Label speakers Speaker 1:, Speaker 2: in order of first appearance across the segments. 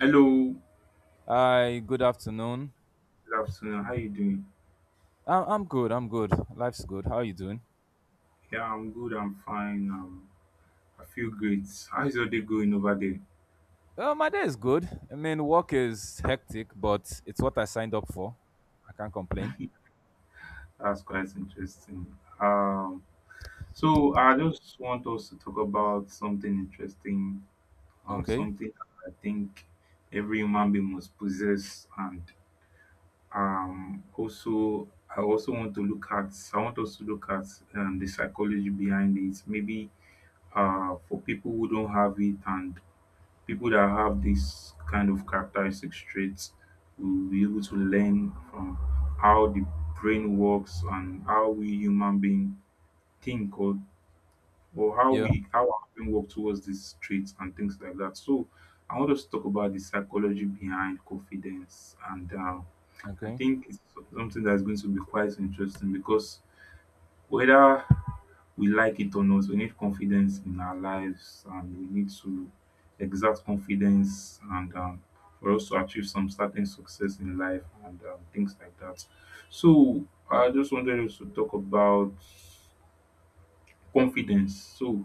Speaker 1: Hello,
Speaker 2: Hi, good afternoon.
Speaker 1: good afternoon. How you doing?
Speaker 2: I'm good. I'm good. Life's good. How are you doing?
Speaker 1: Yeah, I'm good. I'm fine. I feel great. How's your day going over there?
Speaker 2: Well, my day is good. I mean, work is hectic, but it's what I signed up for. I can't complain.
Speaker 1: That's quite interesting. Um, so I just want us to talk about something interesting.
Speaker 2: Okay.
Speaker 1: Something I think every human being must possess, and also I also want to look at. I want us to look at the psychology behind it. Maybe for people who don't have it and people that have this kind of characteristic traits will be able to learn from how the brain works and how we human being think or or how
Speaker 2: Yeah.
Speaker 1: we how our brain work towards these traits and things like that. So I want us to talk about the psychology behind confidence and I
Speaker 2: Okay.
Speaker 1: think it's something that's going to be quite interesting because whether we like it or not, we need confidence in our lives and we need to exert confidence and for us to achieve some certain success in life and things like that, so I just wanted us to talk about confidence. So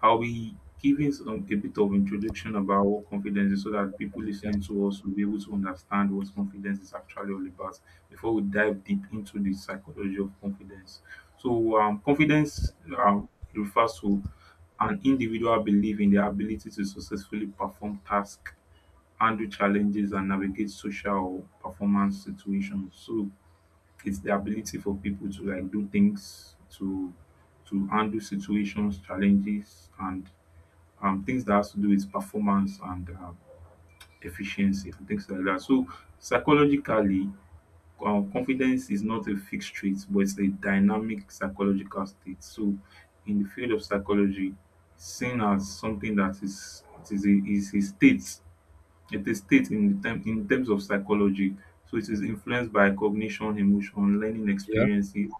Speaker 1: I'll be giving a bit of introduction about what confidence is so that people
Speaker 2: Yeah.
Speaker 1: listening to us will be able to understand what confidence is actually all about before we dive deep into the psychology of confidence. So confidence refers to an individual belief in their ability to successfully perform tasks, handle challenges, and navigate social or performance situations. So it's the ability for people to like do things, to handle situations, challenges, and things that has to do with performance and efficiency and things like that. So psychologically, confidence is not a fixed trait, but it's a dynamic psychological state. So in the field of psychology, seen as something that is a state, it's a state in the terms of psychology. So it is influenced by cognition, emotion, learning
Speaker 2: Yeah.
Speaker 1: experiences,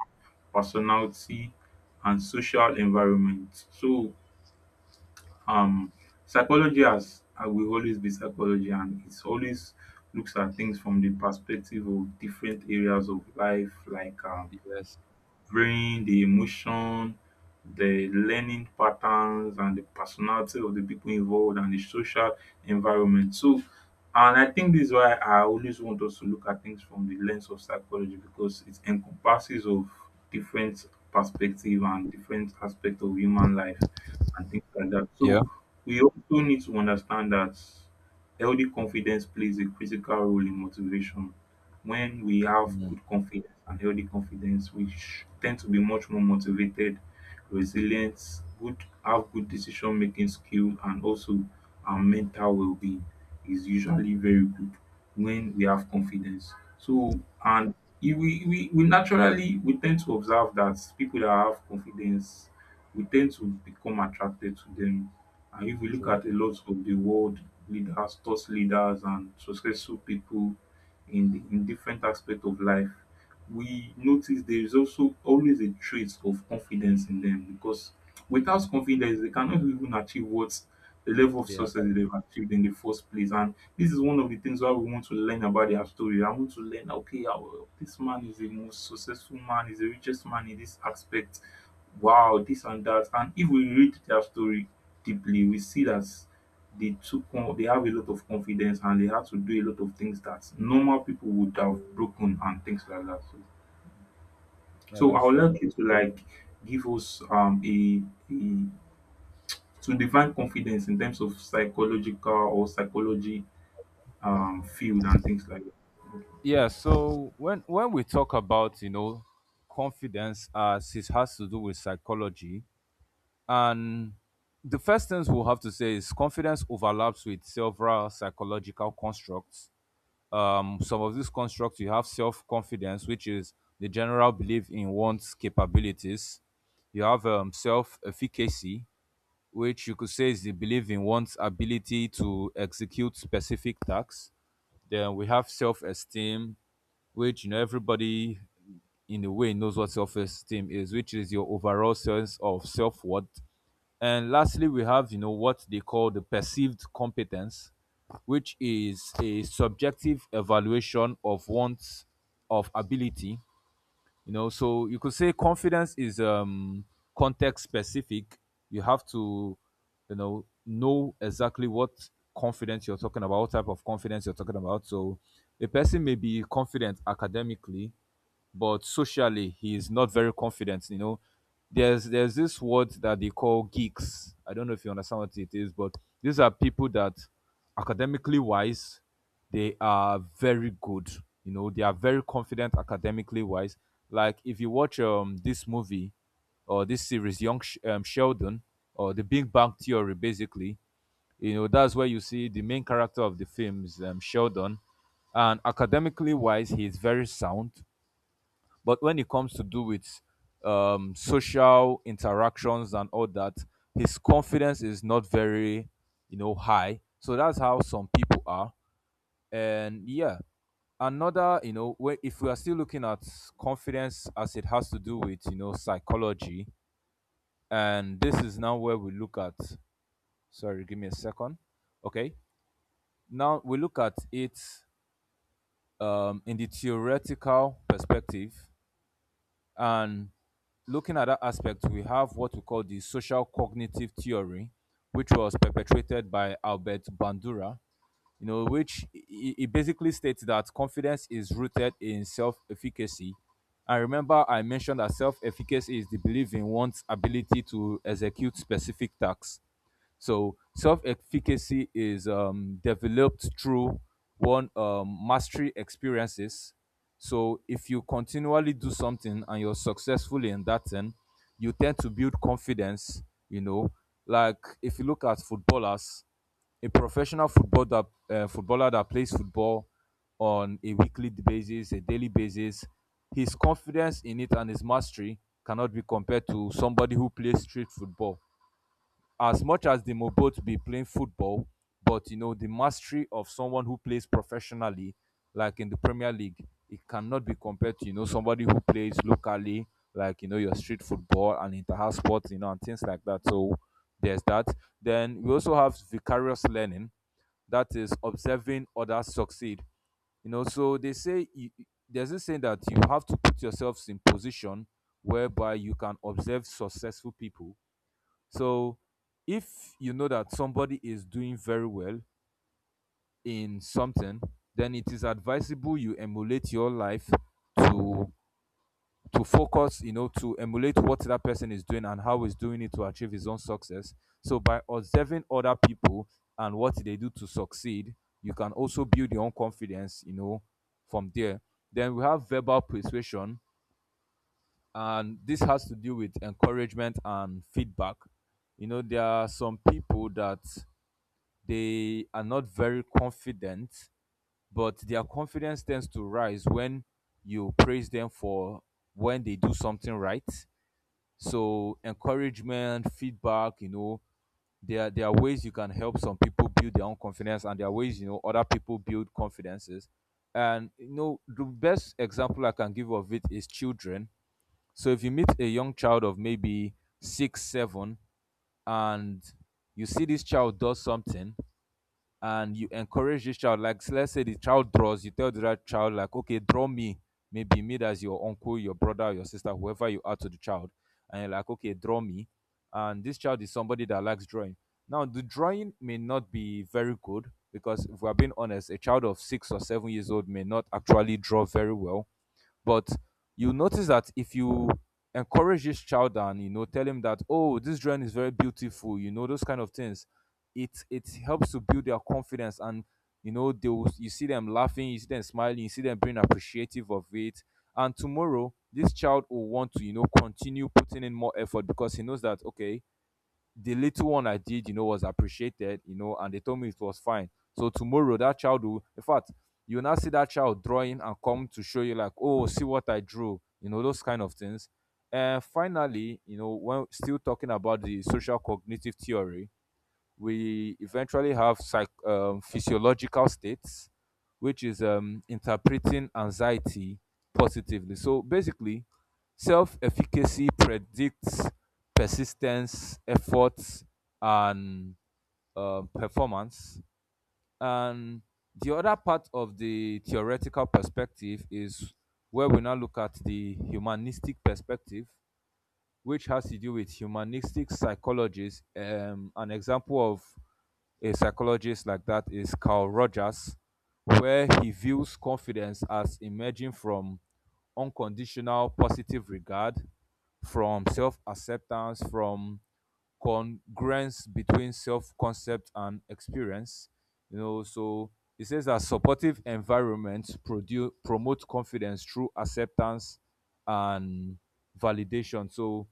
Speaker 1: personality, and social environment. So um psychology has will always be psychology and it's always looks at things from the perspective of different areas of life like
Speaker 2: Yes.
Speaker 1: bring the emotion, the learning patterns and the personality of the people involved and the social environment. And I think this is why I always want us to look at things from the lens of psychology because it encompasses of different perspective and different aspect of human life and things like that.
Speaker 2: Yeah.
Speaker 1: So we also need to understand that healthy confidence plays a critical role in motivation. When we have
Speaker 2: Mm,
Speaker 1: good confidence and healthy confidence, we tend to be much more motivated, resilient, good, have good decision making skill, and also our mental well being is usually very good when we have confidence. So, and if we naturally, we tend to observe that people that have confidence, we tend to become attracted to them. And if we look
Speaker 2: true.
Speaker 1: at a lot of the world leaders, thought leaders, and successful people, in the in different aspect of life, we notice there is also always a trait of confidence in them because without confidence they cannot even achieve what the level of
Speaker 2: Yeah,
Speaker 1: success
Speaker 2: but-
Speaker 1: that they've achieved in the first place. And this is one of the things why we want to learn about their story. I want to learn, okay, this man is the most successful man, is the richest man in this aspect. Wow, this and that. And if we read their story deeply, we see that they took on they have a lot of confidence and they had to do a lot of things that normal people would have broken and things like that. So,
Speaker 2: yeah,
Speaker 1: so I
Speaker 2: that's
Speaker 1: would
Speaker 2: true.
Speaker 1: like you to like give us a to define confidence in terms of psychological or psychology field and things like that. Okay.
Speaker 2: Yeah. So when we talk about, you know, confidence, as it has to do with psychology, and the first things we'll have to say is confidence overlaps with several psychological constructs. Some of these constructs, you have self confidence, which is the general belief in one's capabilities. You have self efficacy, which you could say is the belief in one's ability to execute specific tasks. Then we have self esteem, which, you know, everybody in a way knows what self esteem is, which is your overall sense of self worth. And lastly, we have, you know, what they call the perceived competence, which is a subjective evaluation of one's of ability. You know, so you could say confidence is context specific. You have to, you know exactly what confidence you're talking about, what type of confidence you're talking about. So a person may be confident academically but socially he is not very confident. You know, there's this word that they call geeks. I don't know if you understand what it is, but these are people that academically wise they are very good. You know, they are very confident academically wise. Like if you watch this movie or this series, young Sheldon, or the Big Bang Theory basically, you know, that's where you see the main character of the films, Sheldon. And academically wise he is very sound, but when it comes to do with social interactions and all that, his confidence is not very, you know, high. So that's how some people are. And yeah, another, you know, if we are still looking at confidence as it has to do with, you know, psychology, and this is now where we look at, sorry, give me a second. Okay. Now we look at it in the theoretical perspective. And looking at that aspect, we have what we call the social cognitive theory, which was perpetrated by Albert Bandura, you know, which it basically states that confidence is rooted in self efficacy. And remember, I mentioned that self efficacy is the belief in one's ability to execute specific tasks. So self efficacy is developed through one mastery experiences. So if you continually do something and you're successful in that thing, you tend to build confidence. You know, like if you look at footballers, a professional football that, footballer that plays football on a weekly basis, a daily basis, his confidence in it and his mastery cannot be compared to somebody who plays street football. As much as they may both be playing football, but you know, the mastery of someone who plays professionally, like in the Premier League, it cannot be compared to, you know, somebody who plays locally, like, you know, your street football and inter-house sports, you know, and things like that. So there's that. Then we also have vicarious learning, that is observing others succeed. You know, so they say you, there's this saying that you have to put yourselves in position whereby you can observe successful people. So if you know that somebody is doing very well in something, then it is advisable you emulate your life to focus, you know, to emulate what that person is doing and how he's doing it to achieve his own success. So by observing other people and what they do to succeed, you can also build your own confidence, you know, from there. Then we have verbal persuasion, and this has to do with encouragement and feedback. You know, there are some people that they are not very confident, but their confidence tends to rise when you praise them for when they do something right. So encouragement, feedback, you know, there are ways you can help some people build their own confidence, and there are ways, you know, other people build confidences. And you know, the best example I can give of it is children. So if you meet a young child of maybe six, seven, and you see this child does something, and you encourage this child, like let's say the child draws, you tell the other child like, okay, draw me, maybe me as your uncle, your brother, your sister, whoever you are to the child, and you're like, okay, draw me, and this child is somebody that likes drawing. Now the drawing may not be very good, because if we're being honest, a child of six or seven years old may not actually draw very well. But you notice that if you encourage this child and, you know, tell him that, oh, this drawing is very beautiful, you know, those kind of things, it helps to build their confidence. And you know they will, you see them laughing, you see them smiling, you see them being appreciative of it, and tomorrow this child will want to, you know, continue putting in more effort, because he knows that, okay, the little one I did, you know, was appreciated, you know, and they told me it was fine. So tomorrow that child will, in fact, you will now see that child drawing and come to show you like, oh, see what I drew, you know, those kind of things. And finally, you know, when still talking about the social cognitive theory, we eventually have physiological states, which is interpreting anxiety positively. So basically, self efficacy predicts persistence, effort, and performance. And the other part of the theoretical perspective is where we now look at the humanistic perspective, which has to do with humanistic psychologists. An example of a psychologist like that is Carl Rogers, where he views confidence as emerging from unconditional positive regard, from self acceptance, from congruence between self concept and experience. You know, so he says that supportive environments produce promote confidence through acceptance and validation. So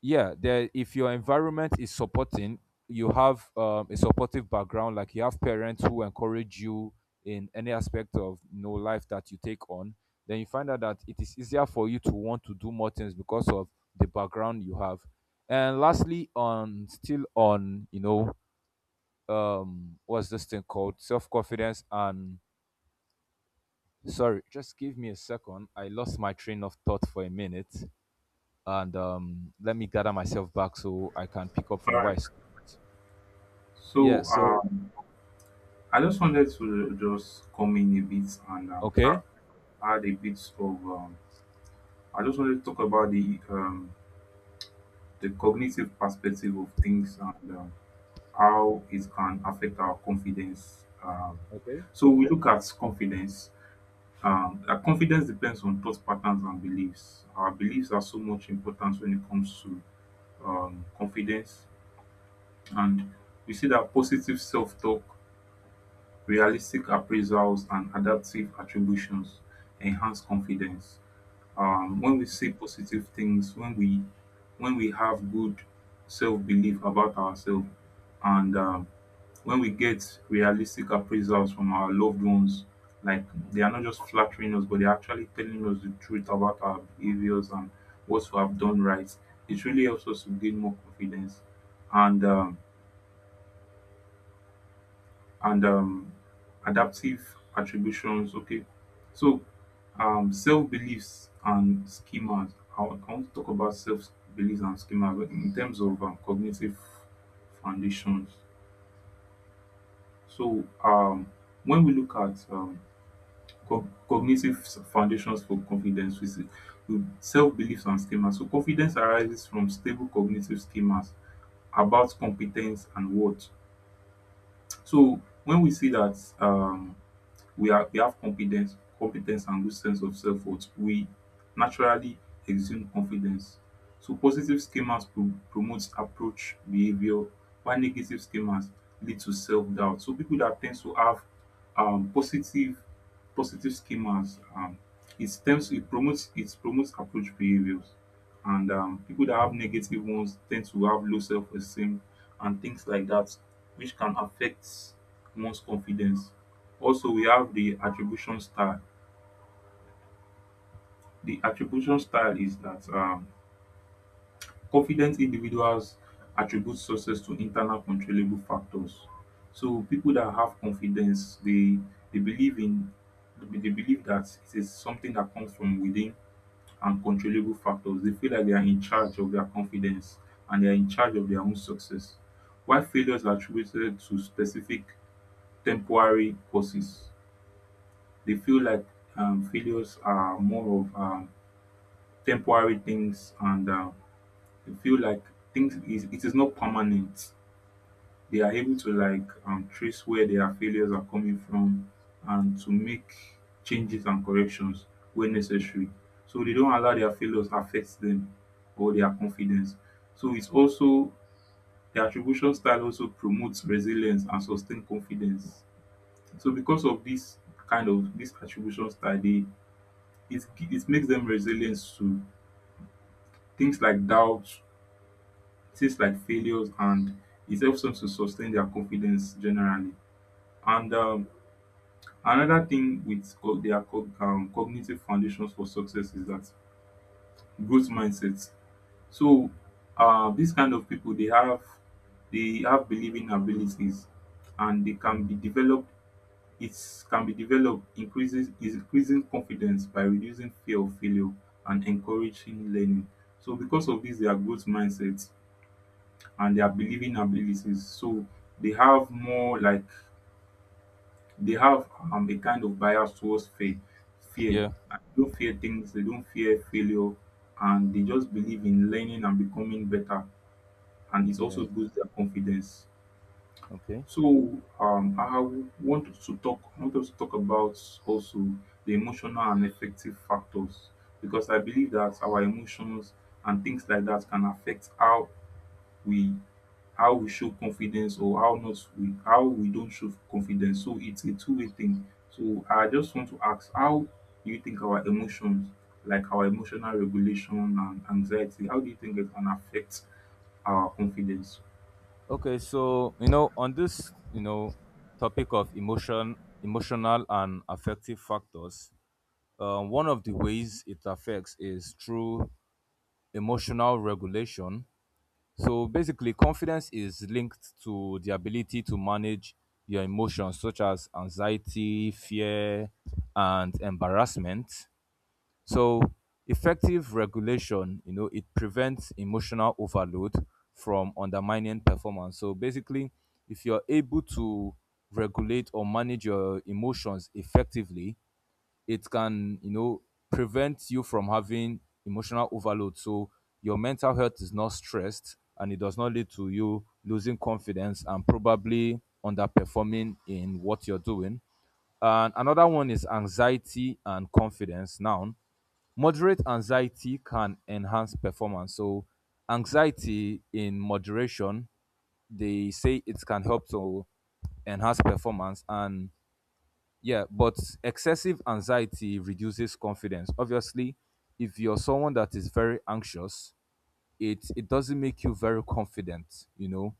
Speaker 2: yeah, there, if your environment is supporting, you have a supportive background, like you have parents who encourage you in any aspect of, you know, life that you take on, then you find out that it is easier for you to want to do more things because of the background you have. And lastly on, still on, you know, what's this thing called self-confidence, and sorry, just give me a second, I lost my train of thought for a minute, and let me gather myself back so I can pick up
Speaker 1: All
Speaker 2: from where
Speaker 1: right.
Speaker 2: I stopped. Yeah.
Speaker 1: So
Speaker 2: So
Speaker 1: I just wanted to just come in a bit and
Speaker 2: okay.
Speaker 1: add a bit of I just wanted to talk about the cognitive perspective of things and how it can affect our confidence. Um,
Speaker 2: Okay.
Speaker 1: so we look at confidence. Confidence depends on thought patterns and beliefs. Our beliefs are so much important when it comes to confidence, and we see that positive self-talk, realistic appraisals, and adaptive attributions enhance confidence, when
Speaker 2: Mm,
Speaker 1: we say positive things, when we have good self-belief about ourselves and when we get realistic appraisals from our loved ones, like they are not just flattering us but they're actually telling us the truth about our behaviors and what we have done right. It really helps us to gain more confidence and and um, adaptive attributions. Okay, so self beliefs and schemas. I want to talk about self beliefs and schemas but in terms of cognitive foundations. So when we look at cognitive foundations for confidence, we see self beliefs and schemas. So confidence arises from stable cognitive schemas about competence and worth. So when we see that. We are we have competence and good sense of self-worth, we naturally exude confidence. So positive schemas promotes approach behavior while negative schemas lead to self-doubt. So people that tend to have um positive positive schemas, it tends it promotes approach behaviors, and people that have negative ones tend to have low self-esteem and things like that, which can affect one's confidence. Also, we have the attribution style. The attribution style is that confident individuals attribute success to internal controllable factors. So people that have confidence, they believe in they believe that it is something that comes from within and controllable factors. They feel like they are in charge of their confidence and they are in charge of their own success. While failures are attributed to specific temporary causes, they feel like failures are more of temporary things and they feel like things is it is not permanent. They are able to like trace where their failures are coming from and to make changes and corrections where necessary, so they don't allow their failures affect them or their confidence. So it's also the attribution style also promotes resilience and sustained confidence. So because of this kind of this attribution style, it makes them resilient to things like doubt, things like failures, and it helps them to sustain their confidence generally. And another thing with cognitive foundations for success is that growth mindset. So these kind of people they have believing abilities and they can be developed. It can be developed increases is increasing confidence by reducing fear of failure and encouraging learning. So because of this, their growth mindset and their believing abilities. So they have more like they have a kind of bias towards fear.
Speaker 2: yeah.
Speaker 1: And they don't fear things. They don't fear failure, and they just believe in learning and becoming better. And it also
Speaker 2: Yeah.
Speaker 1: boosts their confidence.
Speaker 2: Okay.
Speaker 1: So I want us to talk about also the emotional and affective factors because I believe that our emotions and things like that can affect we how we show confidence or how not we how we don't show confidence. So it's a two-way thing. So I just want to ask, how do you think our emotions, like our emotional regulation and anxiety, how do you think it can affect our confidence?
Speaker 2: Okay. So you know, on this, you know, topic of emotion, emotional and affective factors, one of the ways it affects is through emotional regulation. So basically, confidence is linked to the ability to manage your emotions, such as anxiety, fear, and embarrassment. So effective regulation, you know, it prevents emotional overload from undermining performance. So basically, if you're able to regulate or manage your emotions effectively, it can, you know, prevent you from having emotional overload. So your mental health is not stressed and it does not lead to you losing confidence and probably underperforming in what you're doing. And another one is anxiety and confidence. Now, moderate anxiety can enhance performance. So anxiety in moderation, they say it can help to enhance performance and yeah, but excessive anxiety reduces confidence. Obviously, if you're someone that is very anxious, it doesn't make you very confident, you know.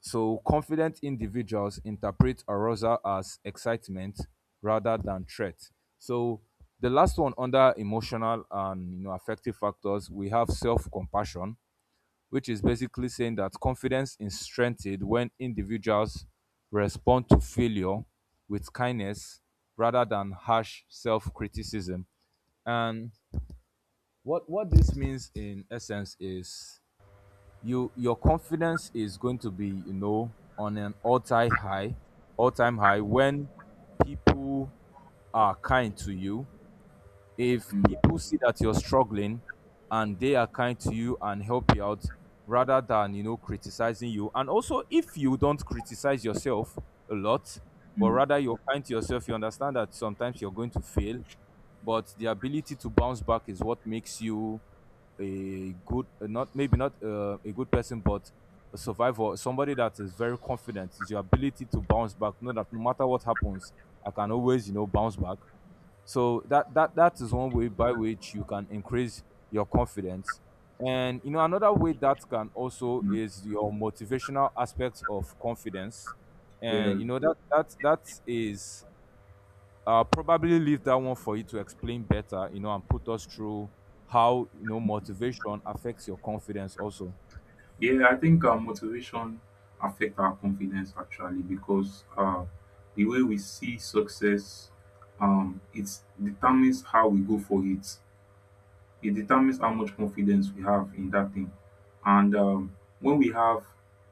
Speaker 2: So confident individuals interpret arousal as excitement rather than threat. So the last one under emotional and, you know, affective factors, we have self-compassion, which is basically saying that confidence is strengthened when individuals respond to failure with kindness rather than harsh self-criticism. And what this means in essence is you your confidence is going to be, you know, on an all-time high when people are kind to you. If
Speaker 1: Mm,
Speaker 2: people see that you're struggling and they are kind to you and help you out rather than, you know, criticizing you, and also if you don't criticize yourself a lot, but
Speaker 1: mm,
Speaker 2: rather you're kind to yourself, you understand that sometimes you're going to fail, but the ability to bounce back is what makes you a good, not maybe not a good person, but a survivor, somebody that is very confident is your ability to bounce back, know that no matter what happens, I can always, you know, bounce back. So that is one way by which you can increase your confidence. And you know another way that can also
Speaker 1: mm.
Speaker 2: is your motivational aspects of confidence.
Speaker 1: Yeah,
Speaker 2: And you know that is, probably leave that one for you to explain better. And put us through how motivation affects your confidence also.
Speaker 1: yeah. I think our motivation affect our confidence actually because the way we see success, it determines how we go for it. It determines how much confidence we have in that thing. And when we have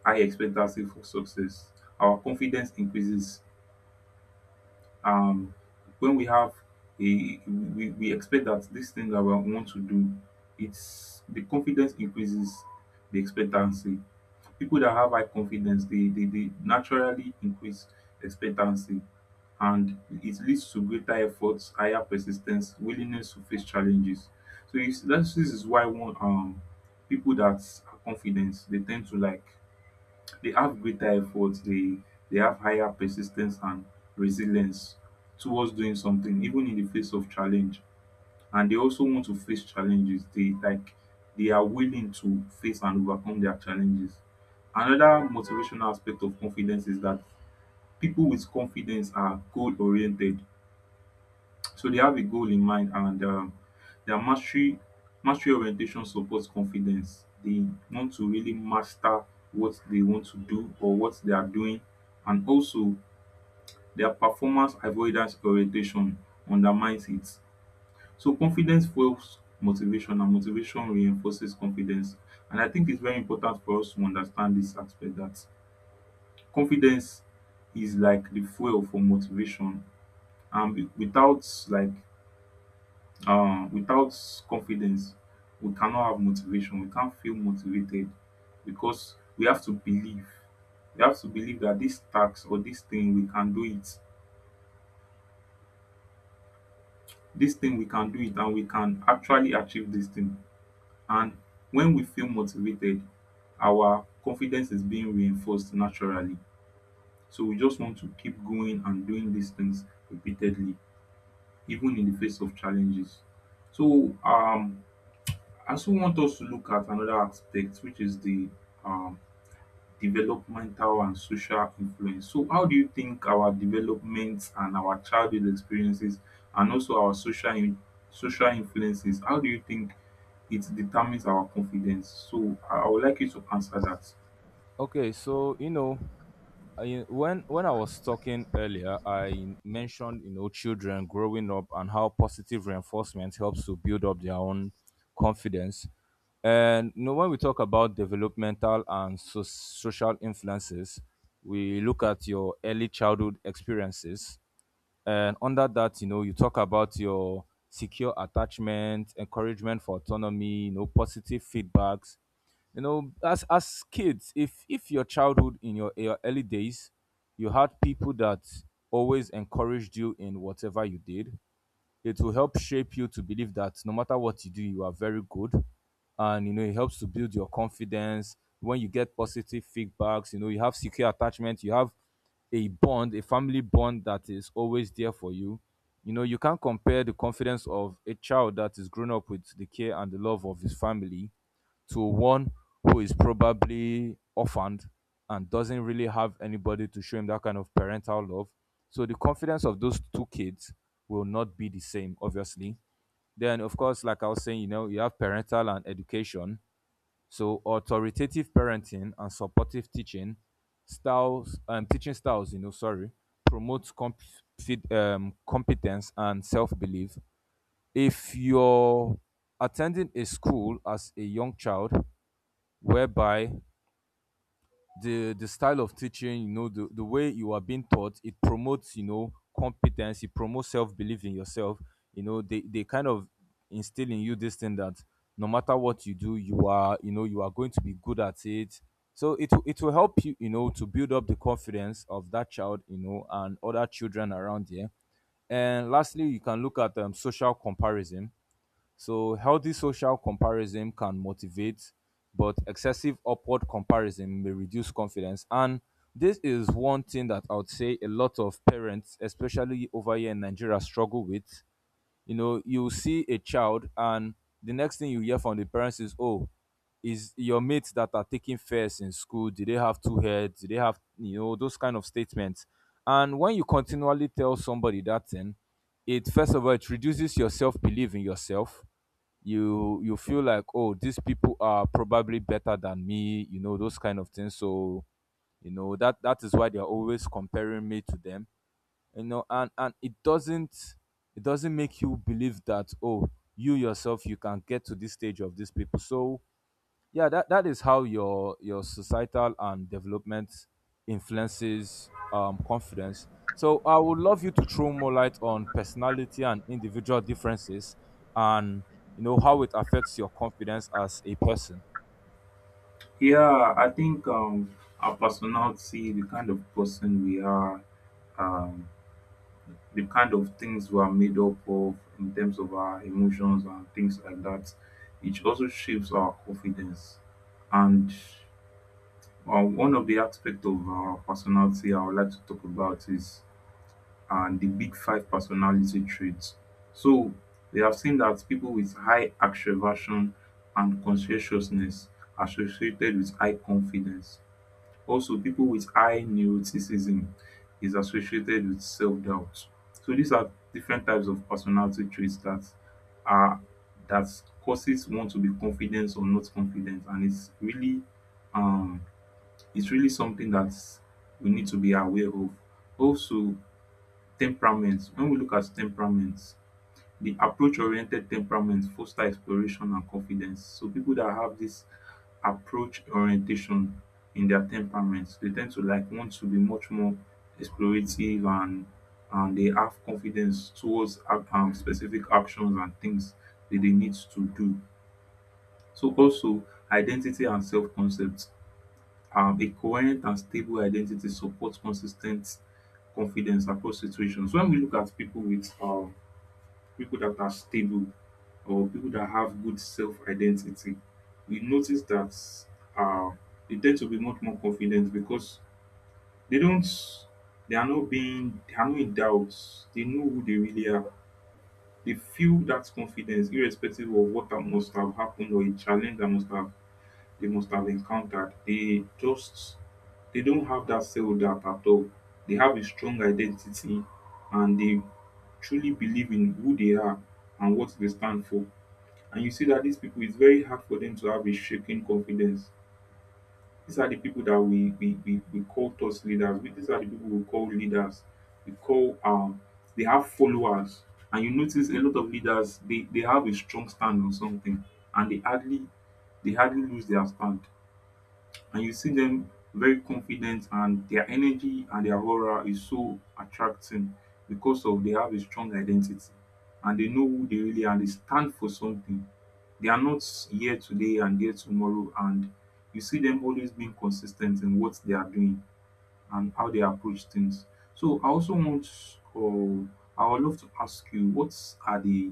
Speaker 1: high expectancy for success, our confidence increases. Um when we have a We expect that this thing that we want to do, it's the confidence increases the expectancy. People that have high confidence, they naturally increase expectancy, and it leads to greater efforts, higher persistence, willingness to face challenges. So this is why one people that are confident they tend to like they have greater effort, they have higher persistence and resilience towards doing something, even in the face of challenge. And they also want to face challenges. They like they are willing to face and overcome their challenges. Another motivational aspect of confidence is that people with confidence are goal oriented. So they have a goal in mind, and their mastery orientation supports confidence. They want to really master what they want to do or what they are doing, and also their performance avoidance orientation undermines it. So confidence fuels motivation, and motivation reinforces confidence. And I think it's very important for us to understand this aspect that confidence is like the fuel for motivation, and without confidence we cannot have motivation, we can't feel motivated, because we have to believe that this task or this thing we can do it, this thing we can do it and we can actually achieve this thing. And when we feel motivated our confidence is being reinforced naturally, so we just want to keep going and doing these things repeatedly, even in the face of challenges. So I also want us to look at another aspect, which is the um, developmental and social influence. So, how do you think our development and our childhood experiences, and also our social influences, how do you think it determines our confidence? So, I would like you to answer that.
Speaker 2: Okay, so I, when I was talking earlier, I mentioned children growing up and how positive reinforcement helps to build up their own confidence. And when we talk about developmental and social influences, we look at your early childhood experiences, and under that, you talk about your secure attachment, encouragement for autonomy, positive feedbacks. You know, as kids, if your childhood in your early days, you had people that always encouraged you in whatever you did, it will help shape you to believe that no matter what you do, you are very good. And it helps to build your confidence when you get positive feedbacks. You know, you have secure attachment, you have a bond, a family bond that is always there for you. You know, you can't compare the confidence of a child that is grown up with the care and the love of his family to one who is probably orphaned and doesn't really have anybody to show him that kind of parental love. So the confidence of those two kids will not be the same, obviously. Then, of course, like I was saying, you have parental and education. So authoritative parenting and supportive teaching teaching styles, promotes competence and self belief. If you're attending a school as a young child whereby the style of teaching, the way you are being taught, it promotes competence, it promotes self-belief in yourself. You know they kind of instill in you this thing that no matter what you do, you are, you are going to be good at it. So it will help you, you know to build up the confidence of that child, and other children around here. And lastly, you can look at social comparison. So healthy social comparison can motivate, but excessive upward comparison may reduce confidence. And this is one thing that I would say a lot of parents, especially over here in Nigeria, struggle with. You know, you see a child, and the next thing you hear from the parents is, oh, is your mates that are taking first in school? Did they have two heads? Did they have, those kind of statements. And when you continually tell somebody that thing, it, first of all, it reduces your self-belief in yourself. You feel like, oh, these people are probably better than me, those kind of things. So that is why they're always comparing me to them. You know, and it doesn't, it doesn't make you believe that, oh, you yourself, you can get to this stage of these people. So yeah, that is how your societal and development influences confidence. So I would love you to throw more light on personality and individual differences, and how it affects your confidence as a person.
Speaker 1: Yeah, I think our personality, the kind of person we are, um, the kind of things we're made up of in terms of our emotions and things like that. It also shapes our confidence. And one of the aspects of our personality I would like to talk about is the big five personality traits. So we have seen that people with high extraversion and conscientiousness associated with high confidence. Also, people with high neuroticism is associated with self-doubt. So these are different types of personality traits that are that causes one to be confident or not confident, and um it's really something that we need to be aware of. Also, temperament. When we look at temperament, the approach-oriented temperament foster exploration and confidence. So people that have this approach orientation in their temperaments, they tend to like want to be much more explorative, and they have confidence towards specific actions and things that they need to do. So also identity and self concept, um, a coherent and stable identity supports consistent confidence across situations. When we look at people with, people that are stable or people that have good self identity, we notice that uh, they tend to be much more confident because they don't, they are not being, they are not in doubt. They know who they really are. They feel that confidence, irrespective of what that must have happened or a challenge that must have they must have encountered. They just they don't have that failed at all. They have a strong identity and they truly believe in who they are and what they stand for. And you see that these people, it's very hard for them to have a shaking confidence. These are the people that we call thought leaders. These are the people we call leaders. We call They have followers. And you notice a lot of leaders, they have a strong stand on something, and they hardly lose their stand, and you see them very confident, and their energy and their aura is so attracting, because of they have a strong identity, and they know who they really are, they stand for something. They are not here today and there tomorrow, and you see them always being consistent in what they are doing and how they approach things. So I also want or I would love to ask you what are the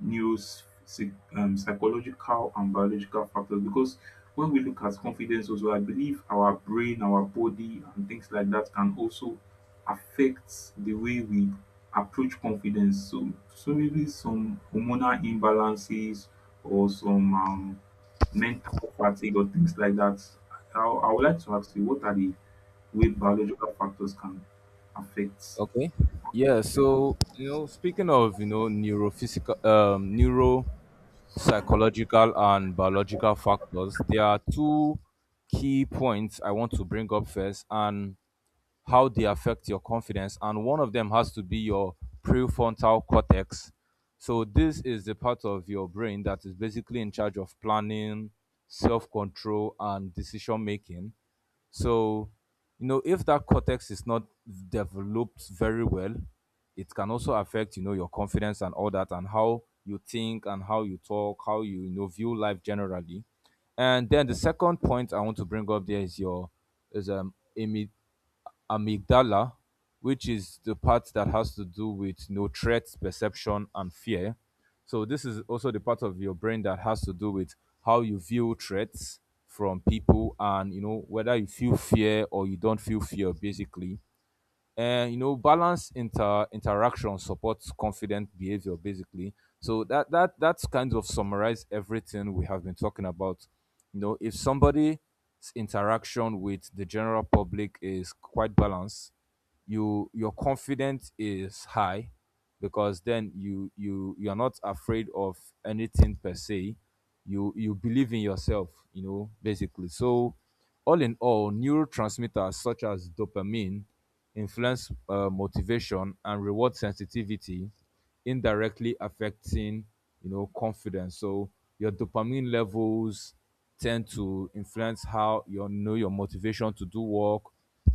Speaker 1: news, psych- um, psychological and biological factors, because when we look at confidence, also I believe our brain, our body, and things like that can also affect the way we approach confidence. So maybe some hormonal imbalances, or some mental fatigue or things like that. I would like to ask you what are the way biological factors can affect.
Speaker 2: Okay. Yeah,
Speaker 1: yeah
Speaker 2: so speaking of, neuro psychological and biological factors, there are two key points I want to bring up first, and how they affect your confidence. And one of them has to be your prefrontal cortex. So this is the part of your brain that is basically in charge of planning, self control, and decision making. So, if that cortex is not developed very well, it can also affect, your confidence and all that, and how you think and how you talk, how you, view life generally. And then the second point I want to bring up there is your is um imi- amygdala, which is the part that has to do with no threats, perception, and fear. So this is also the part of your brain that has to do with how you view threats from people, and whether you feel fear or you don't feel fear, basically. And balance interaction supports confident behavior, basically. So that's kind of summarize everything we have been talking about. You know, if somebody's interaction with the general public is quite balanced, you, your confidence is high, because then you you're not afraid of anything per se. You believe in yourself, basically. So all in all, neurotransmitters such as dopamine influence motivation and reward sensitivity, indirectly affecting confidence. So your dopamine levels tend to influence how your motivation to do work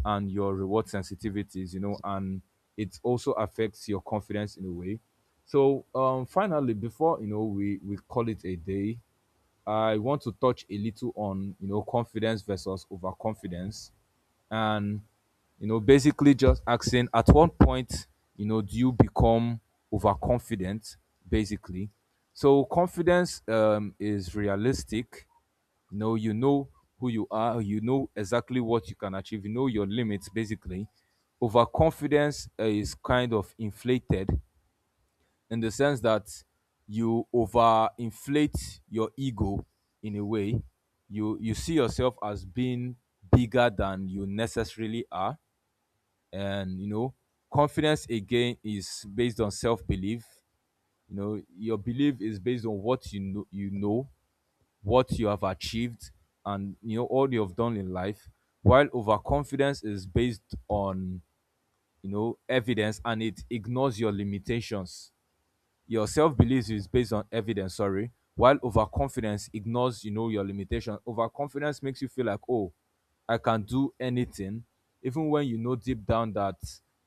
Speaker 2: and your reward sensitivities. You know, and it also affects your confidence in a way. So finally, before we call it a day, I want to touch a little on confidence versus overconfidence, and basically just asking at what point do you become overconfident, basically. So confidence is realistic. You know, you know who you are, you know exactly what you can achieve, you know your limits, basically. Overconfidence is kind of inflated, in the sense that you overinflate your ego in a way. You see yourself as being bigger than you necessarily are. And confidence again is based on self-belief. You know, your belief is based on what you know, what you have achieved, and all you have done in life. While overconfidence is based on, evidence, and it ignores your limitations. Your self-belief is based on evidence, sorry, while overconfidence ignores, your limitation. Overconfidence makes you feel like, oh, I can do anything, even when you know deep down that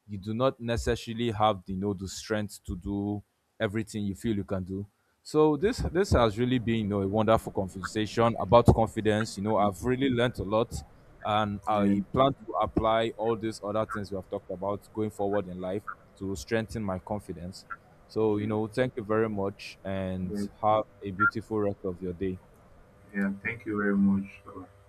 Speaker 2: you do not necessarily have the, the strength to do everything you feel you can do. So this has really been, a wonderful conversation about confidence. You know, I've really learnt a lot, and
Speaker 1: yeah
Speaker 2: I plan to apply all these other things we have talked about going forward in life to strengthen my confidence. So
Speaker 1: yeah,
Speaker 2: thank you very much, and
Speaker 1: yeah.
Speaker 2: have a beautiful rest of your day.
Speaker 1: yeah. Thank you very much. Bye-bye.